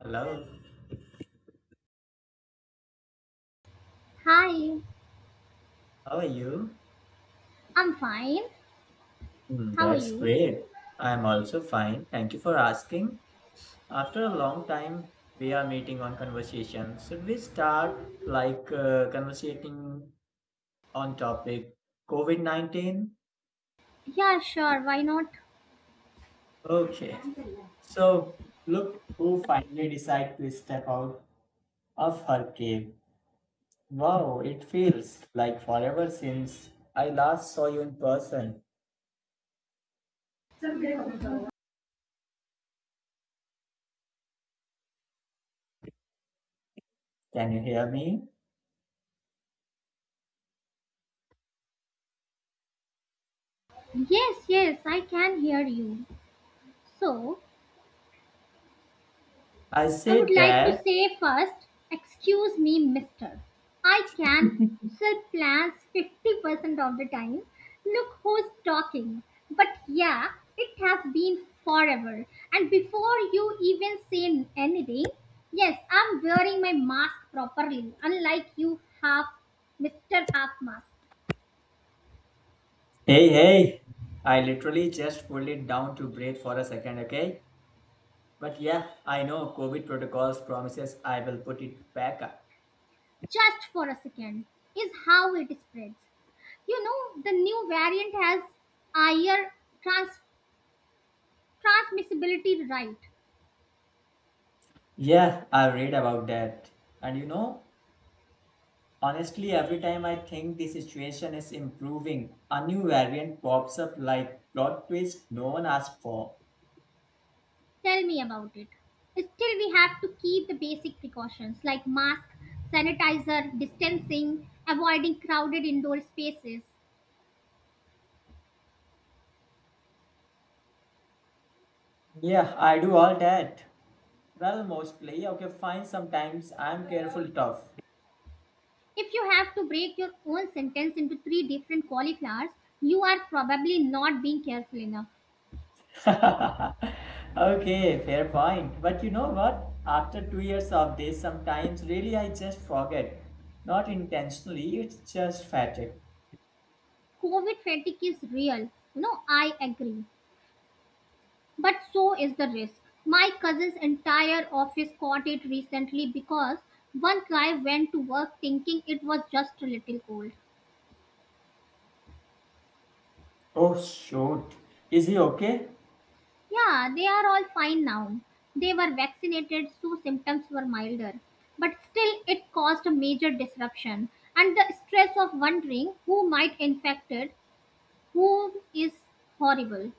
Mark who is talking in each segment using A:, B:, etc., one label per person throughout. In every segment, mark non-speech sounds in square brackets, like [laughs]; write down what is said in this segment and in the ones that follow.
A: Hello,
B: Hi,
A: how are you?
B: I'm fine.
A: Hmm,
B: How are
A: that's
B: you?
A: great. I'm also fine. Thank you for asking. After a long time, we are meeting on conversation. Should we start like conversating on topic COVID-19?
B: Yeah, sure, why not?
A: Okay. So, look who finally decided to step out of her cave. Wow, it feels like forever since I last saw you in person. Can you hear me?
B: Yes, yes, I can hear you. So,
A: I
B: I would
A: said
B: like to
A: that.
B: say first, excuse me, mister. I can sell plans 50% of the time. Look who's talking. But yeah, it has been forever. And before you even say anything, yes, I'm wearing my mask properly, unlike you half, Mr. Half Mask.
A: Hey, hey, I literally just pulled it down to breathe for a second, okay? But yeah, I know COVID protocols promises I will put it back up.
B: Just for a second, is how it spreads. You know, the new variant has higher trans- transmissibility, right?
A: Yeah, I read about that. And you know, honestly, every time I think the situation is improving, a new variant pops up like plot twist no one asked for.
B: Tell me about it. Still, we have to keep the basic precautions like mask, sanitizer, distancing, avoiding crowded indoor spaces.
A: Yeah, I do all that. Well, mostly, okay, fine, sometimes I'm careful tough.
B: If you have to break your own sentence into three different cauliflowers, you are probably not being careful enough.
A: [laughs] Okay, fair point. But you know what? After 2 years of this, sometimes really I just forget. Not intentionally, it's just fatigue.
B: COVID fatigue is real. You know, I agree. But so is the risk. My cousin's entire office caught it recently because one guy went to work thinking it was just a little cold.
A: Oh, shoot. Is he okay?
B: Yeah, they are all fine now. They were vaccinated, so symptoms were milder. But still, it caused a major disruption. And the stress of wondering who might infected whom is horrible.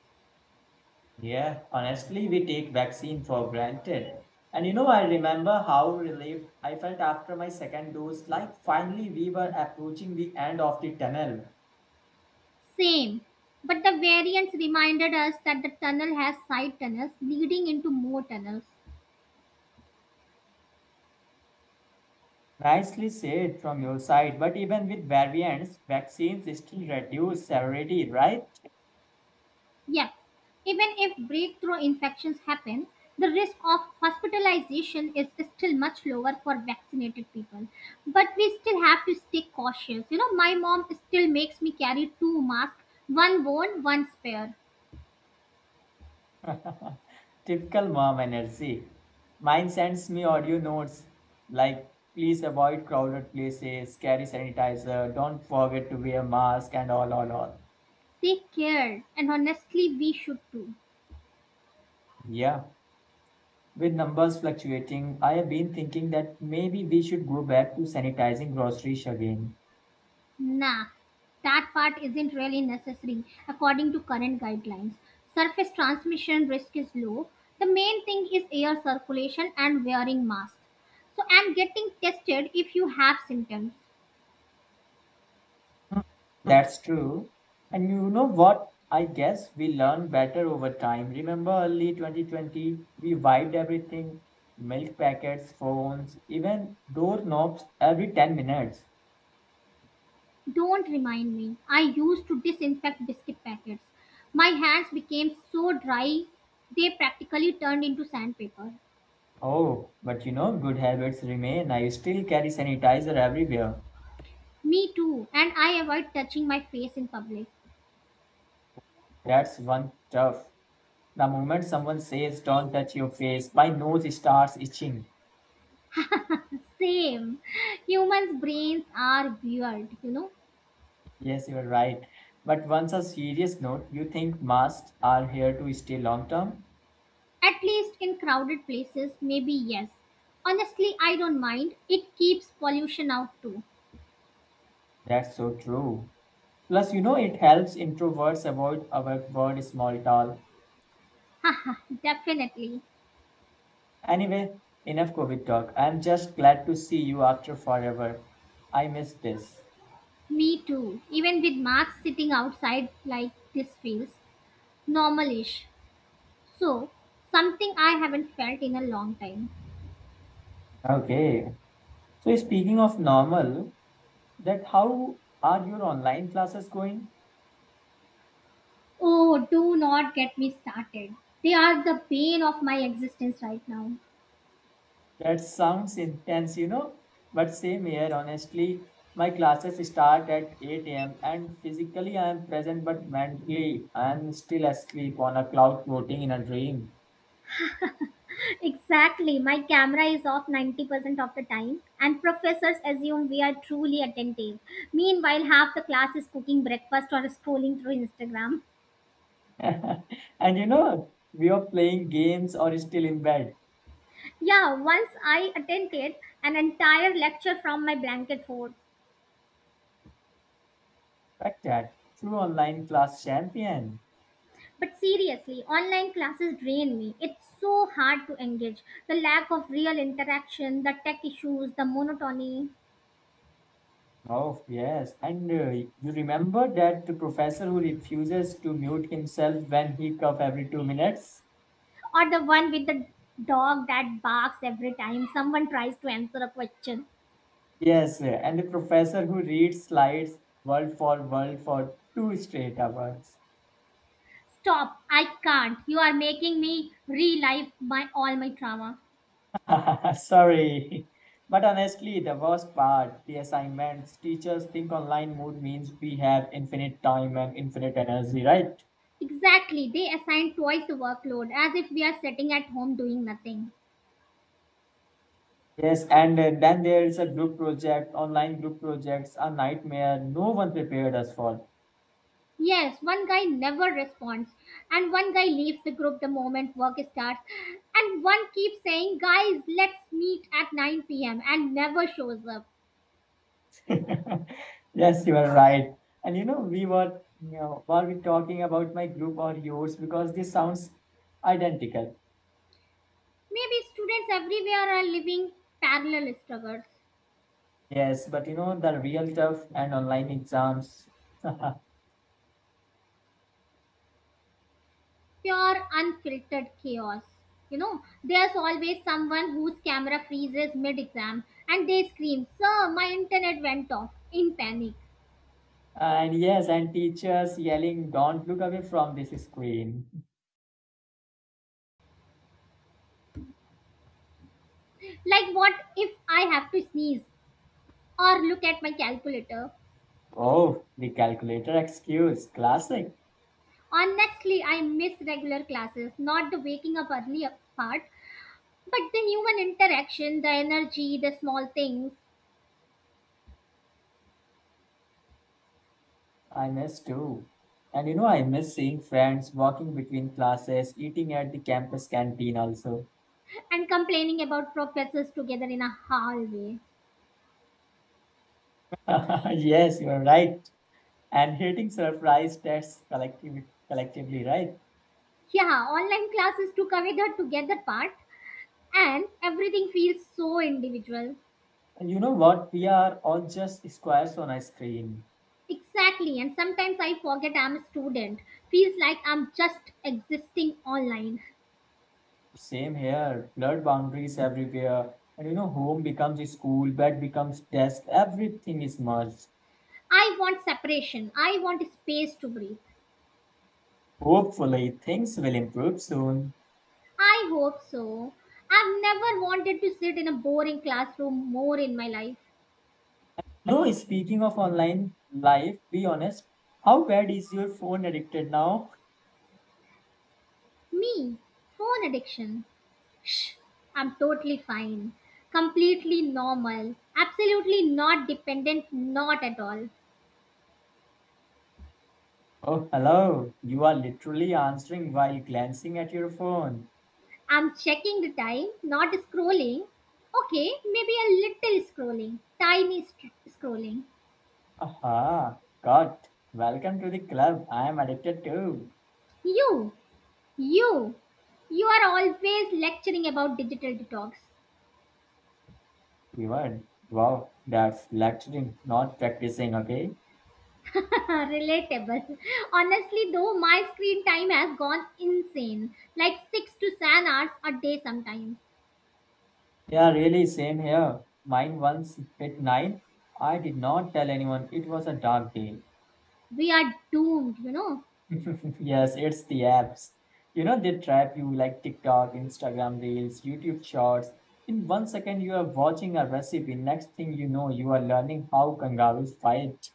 A: Yeah, honestly, we take vaccine for granted. And you know, I remember how relieved I felt after my second dose, like finally we were approaching the end of the tunnel.
B: Same. But the variants reminded us that the tunnel has side tunnels leading into more tunnels.
A: Nicely said from your side, but even with variants, vaccines still reduce severity, right?
B: Yes, even if breakthrough infections happen, the risk of hospitalization is still much lower for vaccinated people. But we still have to stay cautious. You know, my mom still makes me carry two masks, one worn, one spare.
A: Typical mom energy. Mine sends me audio notes like, please avoid crowded places, carry sanitizer, don't forget to wear mask, and all, all.
B: Take care, and honestly, we should too.
A: Yeah. With numbers fluctuating, I have been thinking that maybe we should go back to sanitizing groceries again.
B: Nah, that part isn't really necessary according to current guidelines. Surface transmission risk is low. The main thing is air circulation and wearing masks. So, and getting tested if you have symptoms.
A: That's true. And you know what? I guess we learn better over time. Remember early 2020? We wiped everything milk packets, phones, even doorknobs every 10 minutes.
B: Don't remind me. I used to disinfect biscuit packets. My hands became so dry, they practically turned into sandpaper.
A: Oh, but you know, good habits remain. I still carry sanitizer everywhere.
B: Me too, and I avoid touching my face in public.
A: That's one tough. The moment someone says, don't touch your face, my nose starts itching.
B: Same. [laughs] Humans' brains are weird, you know.
A: Yes, you're right. But once a serious note, you think masks are here to stay long term?
B: At least in crowded places, maybe yes. Honestly, I don't mind. It keeps pollution out too.
A: That's so true. Plus, you know, it helps introverts avoid our word small talk.
B: Haha, [laughs] definitely.
A: Anyway, enough COVID talk. I'm just glad to see you after forever. I miss this.
B: Me too. Even with masks, sitting outside like this feels normalish. So, something I haven't felt in a long time.
A: Okay, so speaking of normal, that how are your online classes going?
B: Oh, do not get me started. They are the bane of my existence right now.
A: That sounds intense, you know. But same here, honestly. My classes start at 8 a.m. and physically I am present, but mentally I am still asleep on a cloud floating in a dream.
B: Exactly. My camera is off 90% of the time, and professors assume we are truly attentive. Meanwhile, half the class is cooking breakfast or scrolling through Instagram.
A: [laughs] And you know, we are playing games or still in bed.
B: Yeah, once I attended an entire lecture from my blanket fort.
A: Fact that. True online class champion.
B: But seriously, online classes drain me. It's so hard to engage. The lack of real interaction, the tech issues, the monotony,
A: Oh, yes. And you remember that the professor who refuses to mute himself when he cough every 2 minutes?
B: or the one with the dog that barks every time someone tries to answer a question.
A: Yes, and the professor who reads slides word for word for two straight hours.
B: Stop, I can't. You are making me relive my all my trauma.
A: [laughs] Sorry. But honestly, the worst part, the assignments, teachers think online mood means we have infinite time and infinite energy, right?
B: Exactly, they assign twice the workload as if we are sitting at home doing nothing.
A: Yes, and then there is a group project. Online group projects are nightmare. No one prepared us for.
B: Yes, one guy never responds, and one guy leaves the group the moment work starts, and one keeps saying, "Guys, let's meet at 9 p.m.," and never shows up.
A: [laughs] Yes, you are right. And you know, were we talking about my group or yours? Because this sounds identical.
B: Maybe students everywhere are living parallel struggles.
A: Yes, but you know, the real tough and online exams. [laughs]
B: Pure unfiltered chaos, you know. There's always someone whose camera freezes mid exam and they scream, "Sir, my internet went off," in panic.
A: And yes, and teachers yelling, don't look away from this screen.
B: Like, what if I have to sneeze or look at my calculator?
A: Oh, the calculator excuse, classic.
B: Honestly, I miss regular classes, not the waking up early part, but the human interaction, the energy, the small things.
A: I miss too. And you know, I miss seeing friends walking between classes, eating at the campus canteen also.
B: And complaining about professors together in a hallway.
A: [laughs] Yes, you are right. And hating surprise tests collectively, right?
B: Yeah, online classes took away the together part, and everything feels so individual.
A: And you know what? We are all just squares on a screen.
B: Exactly, and sometimes I forget I'm a student. Feels like I'm just existing online.
A: Same here. Blurred boundaries everywhere. And you know, home becomes a school, bed becomes desk. Everything is merged.
B: I want separation, I want space to breathe.
A: Hopefully, things will improve soon.
B: I hope so. I've never wanted to sit in a boring classroom more in my life.
A: No, speaking of online life, be honest. How bad is your phone addicted now?
B: Me, phone addiction? Shh, I'm totally fine, completely normal, absolutely not dependent, not at all.
A: Oh, hello. You are literally answering while glancing at your phone.
B: I'm checking the time, not scrolling. Okay, maybe a little scrolling, tiny scrolling.
A: Aha, got. Welcome to the club. I am addicted to.
B: You, you, you are always lecturing about digital detox.
A: Even, wow, that's lecturing, not practicing, okay?
B: [laughs] Relatable. Honestly, though, my screen time has gone insane, like 6 to 7 hours a day sometimes.
A: Yeah, really, same here. Mine once hit nine. I did not tell anyone it was a dark day.
B: We are doomed, you know.
A: [laughs] Yes, it's the apps. You know, they trap you like TikTok, Instagram Reels, YouTube Shorts. In 1 second, you are watching a recipe. Next thing you know, you are learning how kangaroos fight.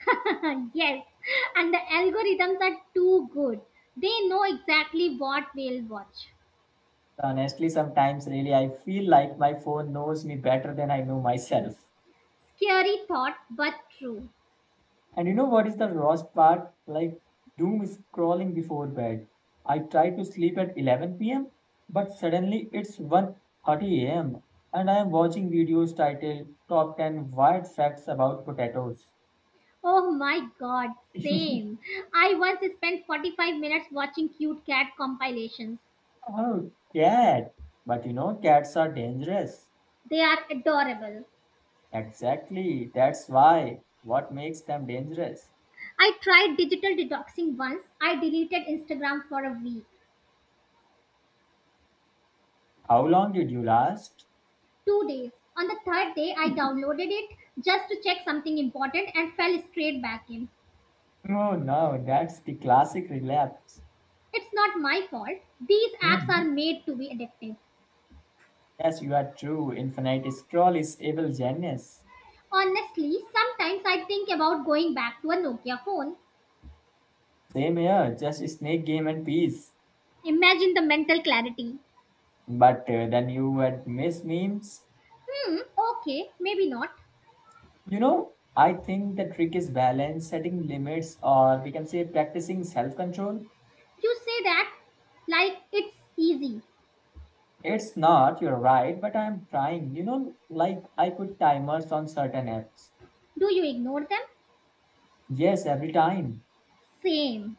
B: [laughs] Yes, and the algorithms are too good. They know exactly what we'll watch.
A: Honestly, sometimes really I feel like my phone knows me better than I know myself.
B: Scary thought, but true.
A: And you know what is the worst part? Like doom scrolling before bed. I try to sleep at 11 p.m., but suddenly it's 1:30 a.m. and I am watching videos titled Top 10 Wild Facts About Potatoes.
B: Oh my god, same.
A: [laughs]
B: I once spent 45 minutes watching cute cat compilations.
A: Oh, cat. But you know, cats are dangerous.
B: They are adorable.
A: Exactly. That's why. What makes them dangerous?
B: I tried digital detoxing once. I deleted Instagram for a week,
A: How long did you last?
B: 2 days. On the third day, I downloaded it just to check something important and fell straight back in.
A: No, no, that's the classic relapse.
B: It's not my fault. These apps are
A: Hmm.
B: made to be addictive.
A: Yes, you are true. Infinite Scroll is evil genius.
B: Honestly, sometimes I think about going back to a Nokia phone.
A: Same here, just Snake Game and Peace.
B: Imagine the mental clarity.
A: But then you would miss memes.
B: Hmm, okay, maybe not.
A: You know, I think the trick is balance, setting limits, or we can say practicing self control.
B: You say that like it's easy.
A: It's not, you're right, but I'm trying. You know, like I put timers on certain apps.
B: Do you ignore them?
A: Yes, every time.
B: Same.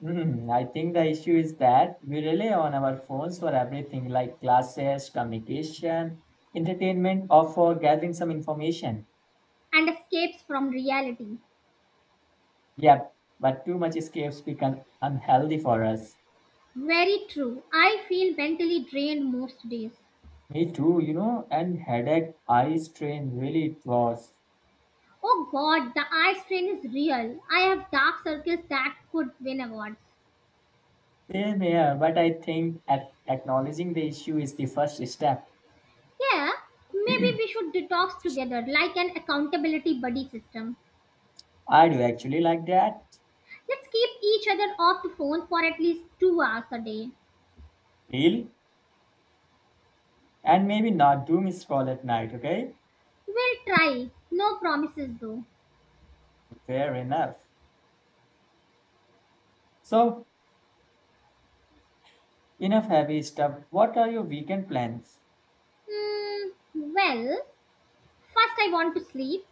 A: I think the issue is that we rely on our phones for everything like classes, communication, entertainment, or for gathering some information.
B: And escapes from reality.
A: Yep, but too much escapes become unhealthy for us.
B: Very true. I feel mentally drained most days.
A: Me too, you know, and headache, eye strain, really it was.
B: Oh god, the eye strain is real. I have dark circles that could win awards.
A: Same here, but I think at acknowledging the issue is the first step.
B: Yeah, maybe we
A: [clears throat]
B: should detox together like an accountability buddy system.
A: I do actually like that.
B: Let's keep each other off the phone for at least 2 hours a day.
A: Heal and maybe not doom scroll at night, okay?
B: We'll try. No promises though.
A: Fair enough. So, enough heavy stuff. What are your weekend plans?
B: Hmm, well. First, I want to sleep,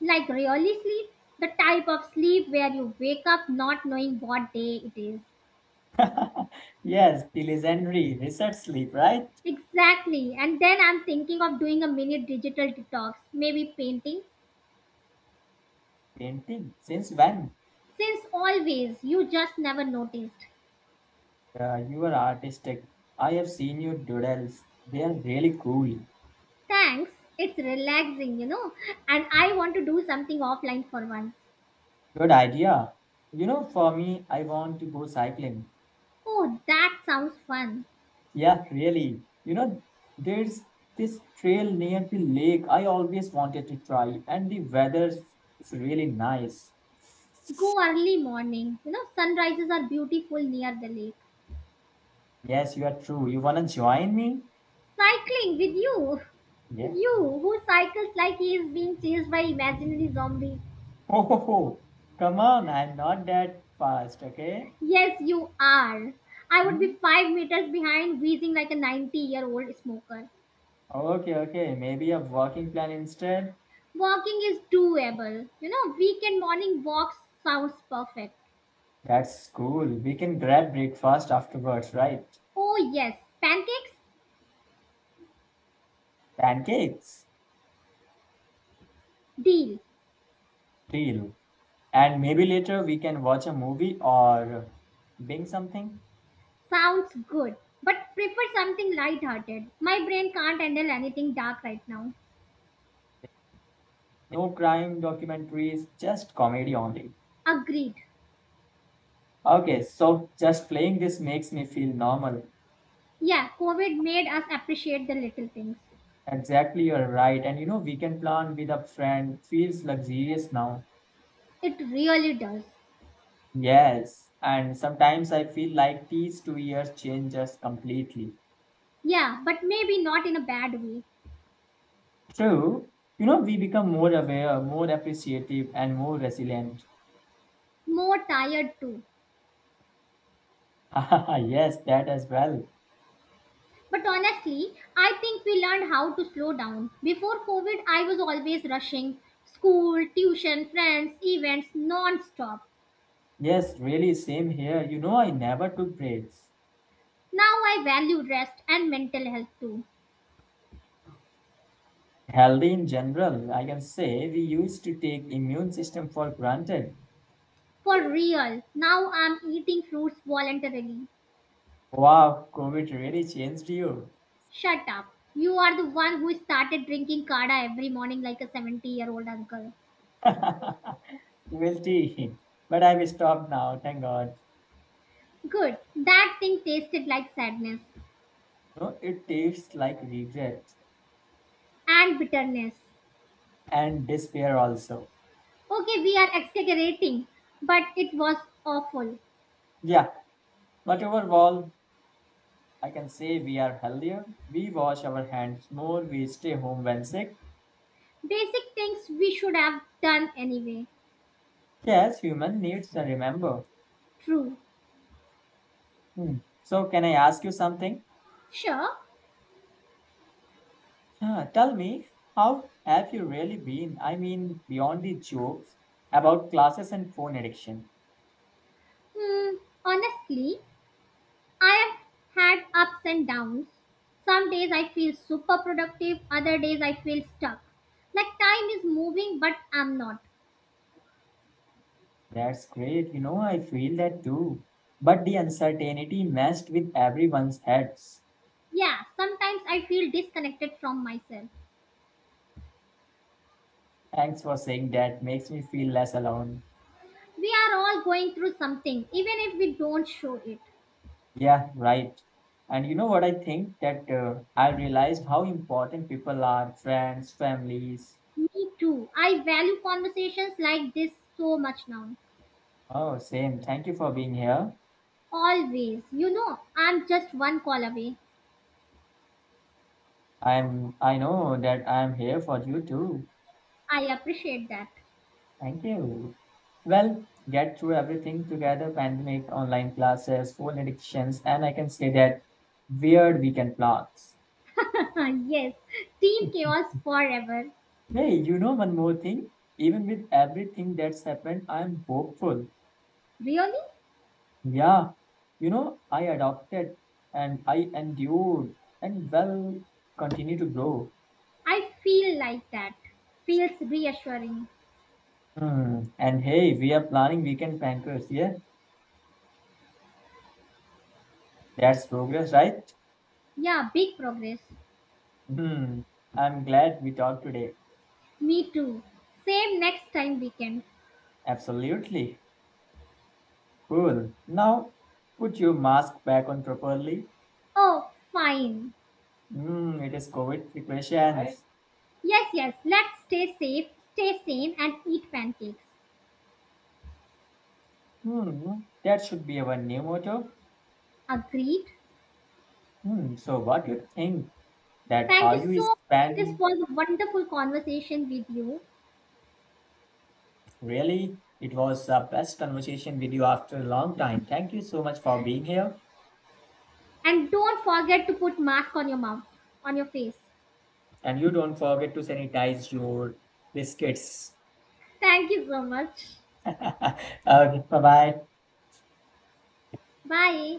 B: like really sleep, the type of sleep where you wake up not knowing what day it is.
A: [laughs] Yes, the legendary research sleep, right?
B: Exactly. And then I'm thinking of doing a mini digital detox, maybe painting,
A: Painting. Since when?
B: since always, you just never noticed.
A: You are artistic. I have seen your doodles. They are really cool.
B: Thanks. It's relaxing, you know. And I want to do something offline for once.
A: Good idea. You know, for me, I want to go cycling.
B: Oh, that sounds fun.
A: Yeah, really. You know, there's this trail near the lake I always wanted to try, and the weather is really nice.
B: Go early morning. You know, sunrises are beautiful near the lake.
A: Yes, you are true. You wanna join me?
B: Cycling with you.
A: Yeah.
B: You who cycles like he is being chased by imaginary zombies.
A: Oh, [laughs] come on, I'm not that fast, okay?
B: Yes, you are. I would be
A: Hmm?
B: 5 meters behind, wheezing like a 90-year-old smoker.
A: Okay, okay, maybe a walking plan instead?
B: Walking is doable. You know, weekend morning walks sounds perfect.
A: That's cool. We can grab breakfast afterwards, right?
B: Oh, yes, pancakes?
A: Pancakes?
B: Deal.
A: Deal. And maybe later we can watch a movie or bing something.
B: Sounds good. But prefer something light-hearted. My brain can't handle anything dark right now.
A: No crime documentaries, just comedy only.
B: Agreed.
A: Okay, so just playing this makes me feel normal.
B: Yeah, COVID made us appreciate the little things.
A: Exactly, you're right. And you know, weekend plan with a friend feels luxurious now.
B: It really does.
A: Yes, and sometimes I feel like these 2 years change us completely.
B: Yeah, but maybe not in a bad way.
A: True, you know, we become more aware, more appreciative, and more resilient.
B: More tired too.
A: [laughs] Yes, that as well.
B: But honestly, I think we learned how to slow down. Before COVID, I was always rushing school, tuition, friends, events non stop.
A: Yes, really, same here. You know, I never took breaks.
B: Now I value rest and mental health too.
A: Healthy in general, I can say we used to take immune system for granted.
B: For real, now I'm eating fruits voluntarily.
A: Wow, COVID really changed you. [laughs]
B: Shut up. You are the one who started drinking Kada every morning like a 70-year-old uncle.
A: Guilty. But I've stopped now, thank God.
B: Good. That thing tasted like sadness
A: No, it tastes like regret.
B: and bitterness.
A: And despair also.
B: Okay, we are exaggerating, but it was awful.
A: Yeah, but overall, I can say we are healthier. We wash our hands more. We stay home when sick.
B: Basic things we should have done anyway.
A: Yes, human needs to remember.
B: True.
A: Hmm. So, can I ask you something?
B: Sure.
A: Huh, tell me, how have you really been? I mean, beyond the jokes about classes and phone addiction.
B: Hmm, honestly, I have had ups and downs. Some days I feel super productive, other days I feel stuck. Like time is moving, but I'm not.
A: That's great. You know, I feel that too. But the uncertainty messed with everyone's heads.
B: Yeah, sometimes I feel disconnected from myself.
A: Thanks for saying that. Makes me feel less alone.
B: We are all going through something, even if we don't show it.
A: Yeah, right. And you know what I think that I realized how important people are, friends, families.
B: Me too. I value conversations like this so much now.
A: Oh, same. Thank you for being here.
B: Always. You know, I'm just one call away.
A: I know that I'm here for you too.
B: I appreciate that.
A: Thank you. Well, get through everything together, pandemic, online classes, phone addictions, and I can say that weird weekend plans.
B: [laughs] Yes, Team Chaos forever.
A: Hey, you know one more thing? Even with everything that's happened, I'm hopeful.
B: Really?
A: Yeah, you know, I adopted and I endured and well continue to grow.
B: I feel like that. Feels reassuring.
A: Hmm. And hey, we are planning weekend pancakes, yeah? That's progress, right?
B: Yeah, big progress.
A: Hmm. I'm glad we talked today.
B: Me too. Same next time weekend.
A: Absolutely. Cool. Now, put your mask back on properly.
B: Oh, fine.
A: Hmm, it is COVID precautions.
B: Yes, yes, let's stay safe, stay sane, and eat pancakes.
A: Hmm, that should be our new motto.
B: Agreed?
A: Hmm, so what you think that
B: Thank
A: how
B: you
A: you
B: so much. This
A: spend.
B: was a wonderful conversation with you.
A: Really, it was a best conversation with you after a long time. Thank you so much for being here.
B: And don't forget to put mask on your mouth, on your face.
A: And you don't forget to sanitize your biscuits.
B: Thank you so much.
A: [laughs] Okay, bye bye.
B: Bye.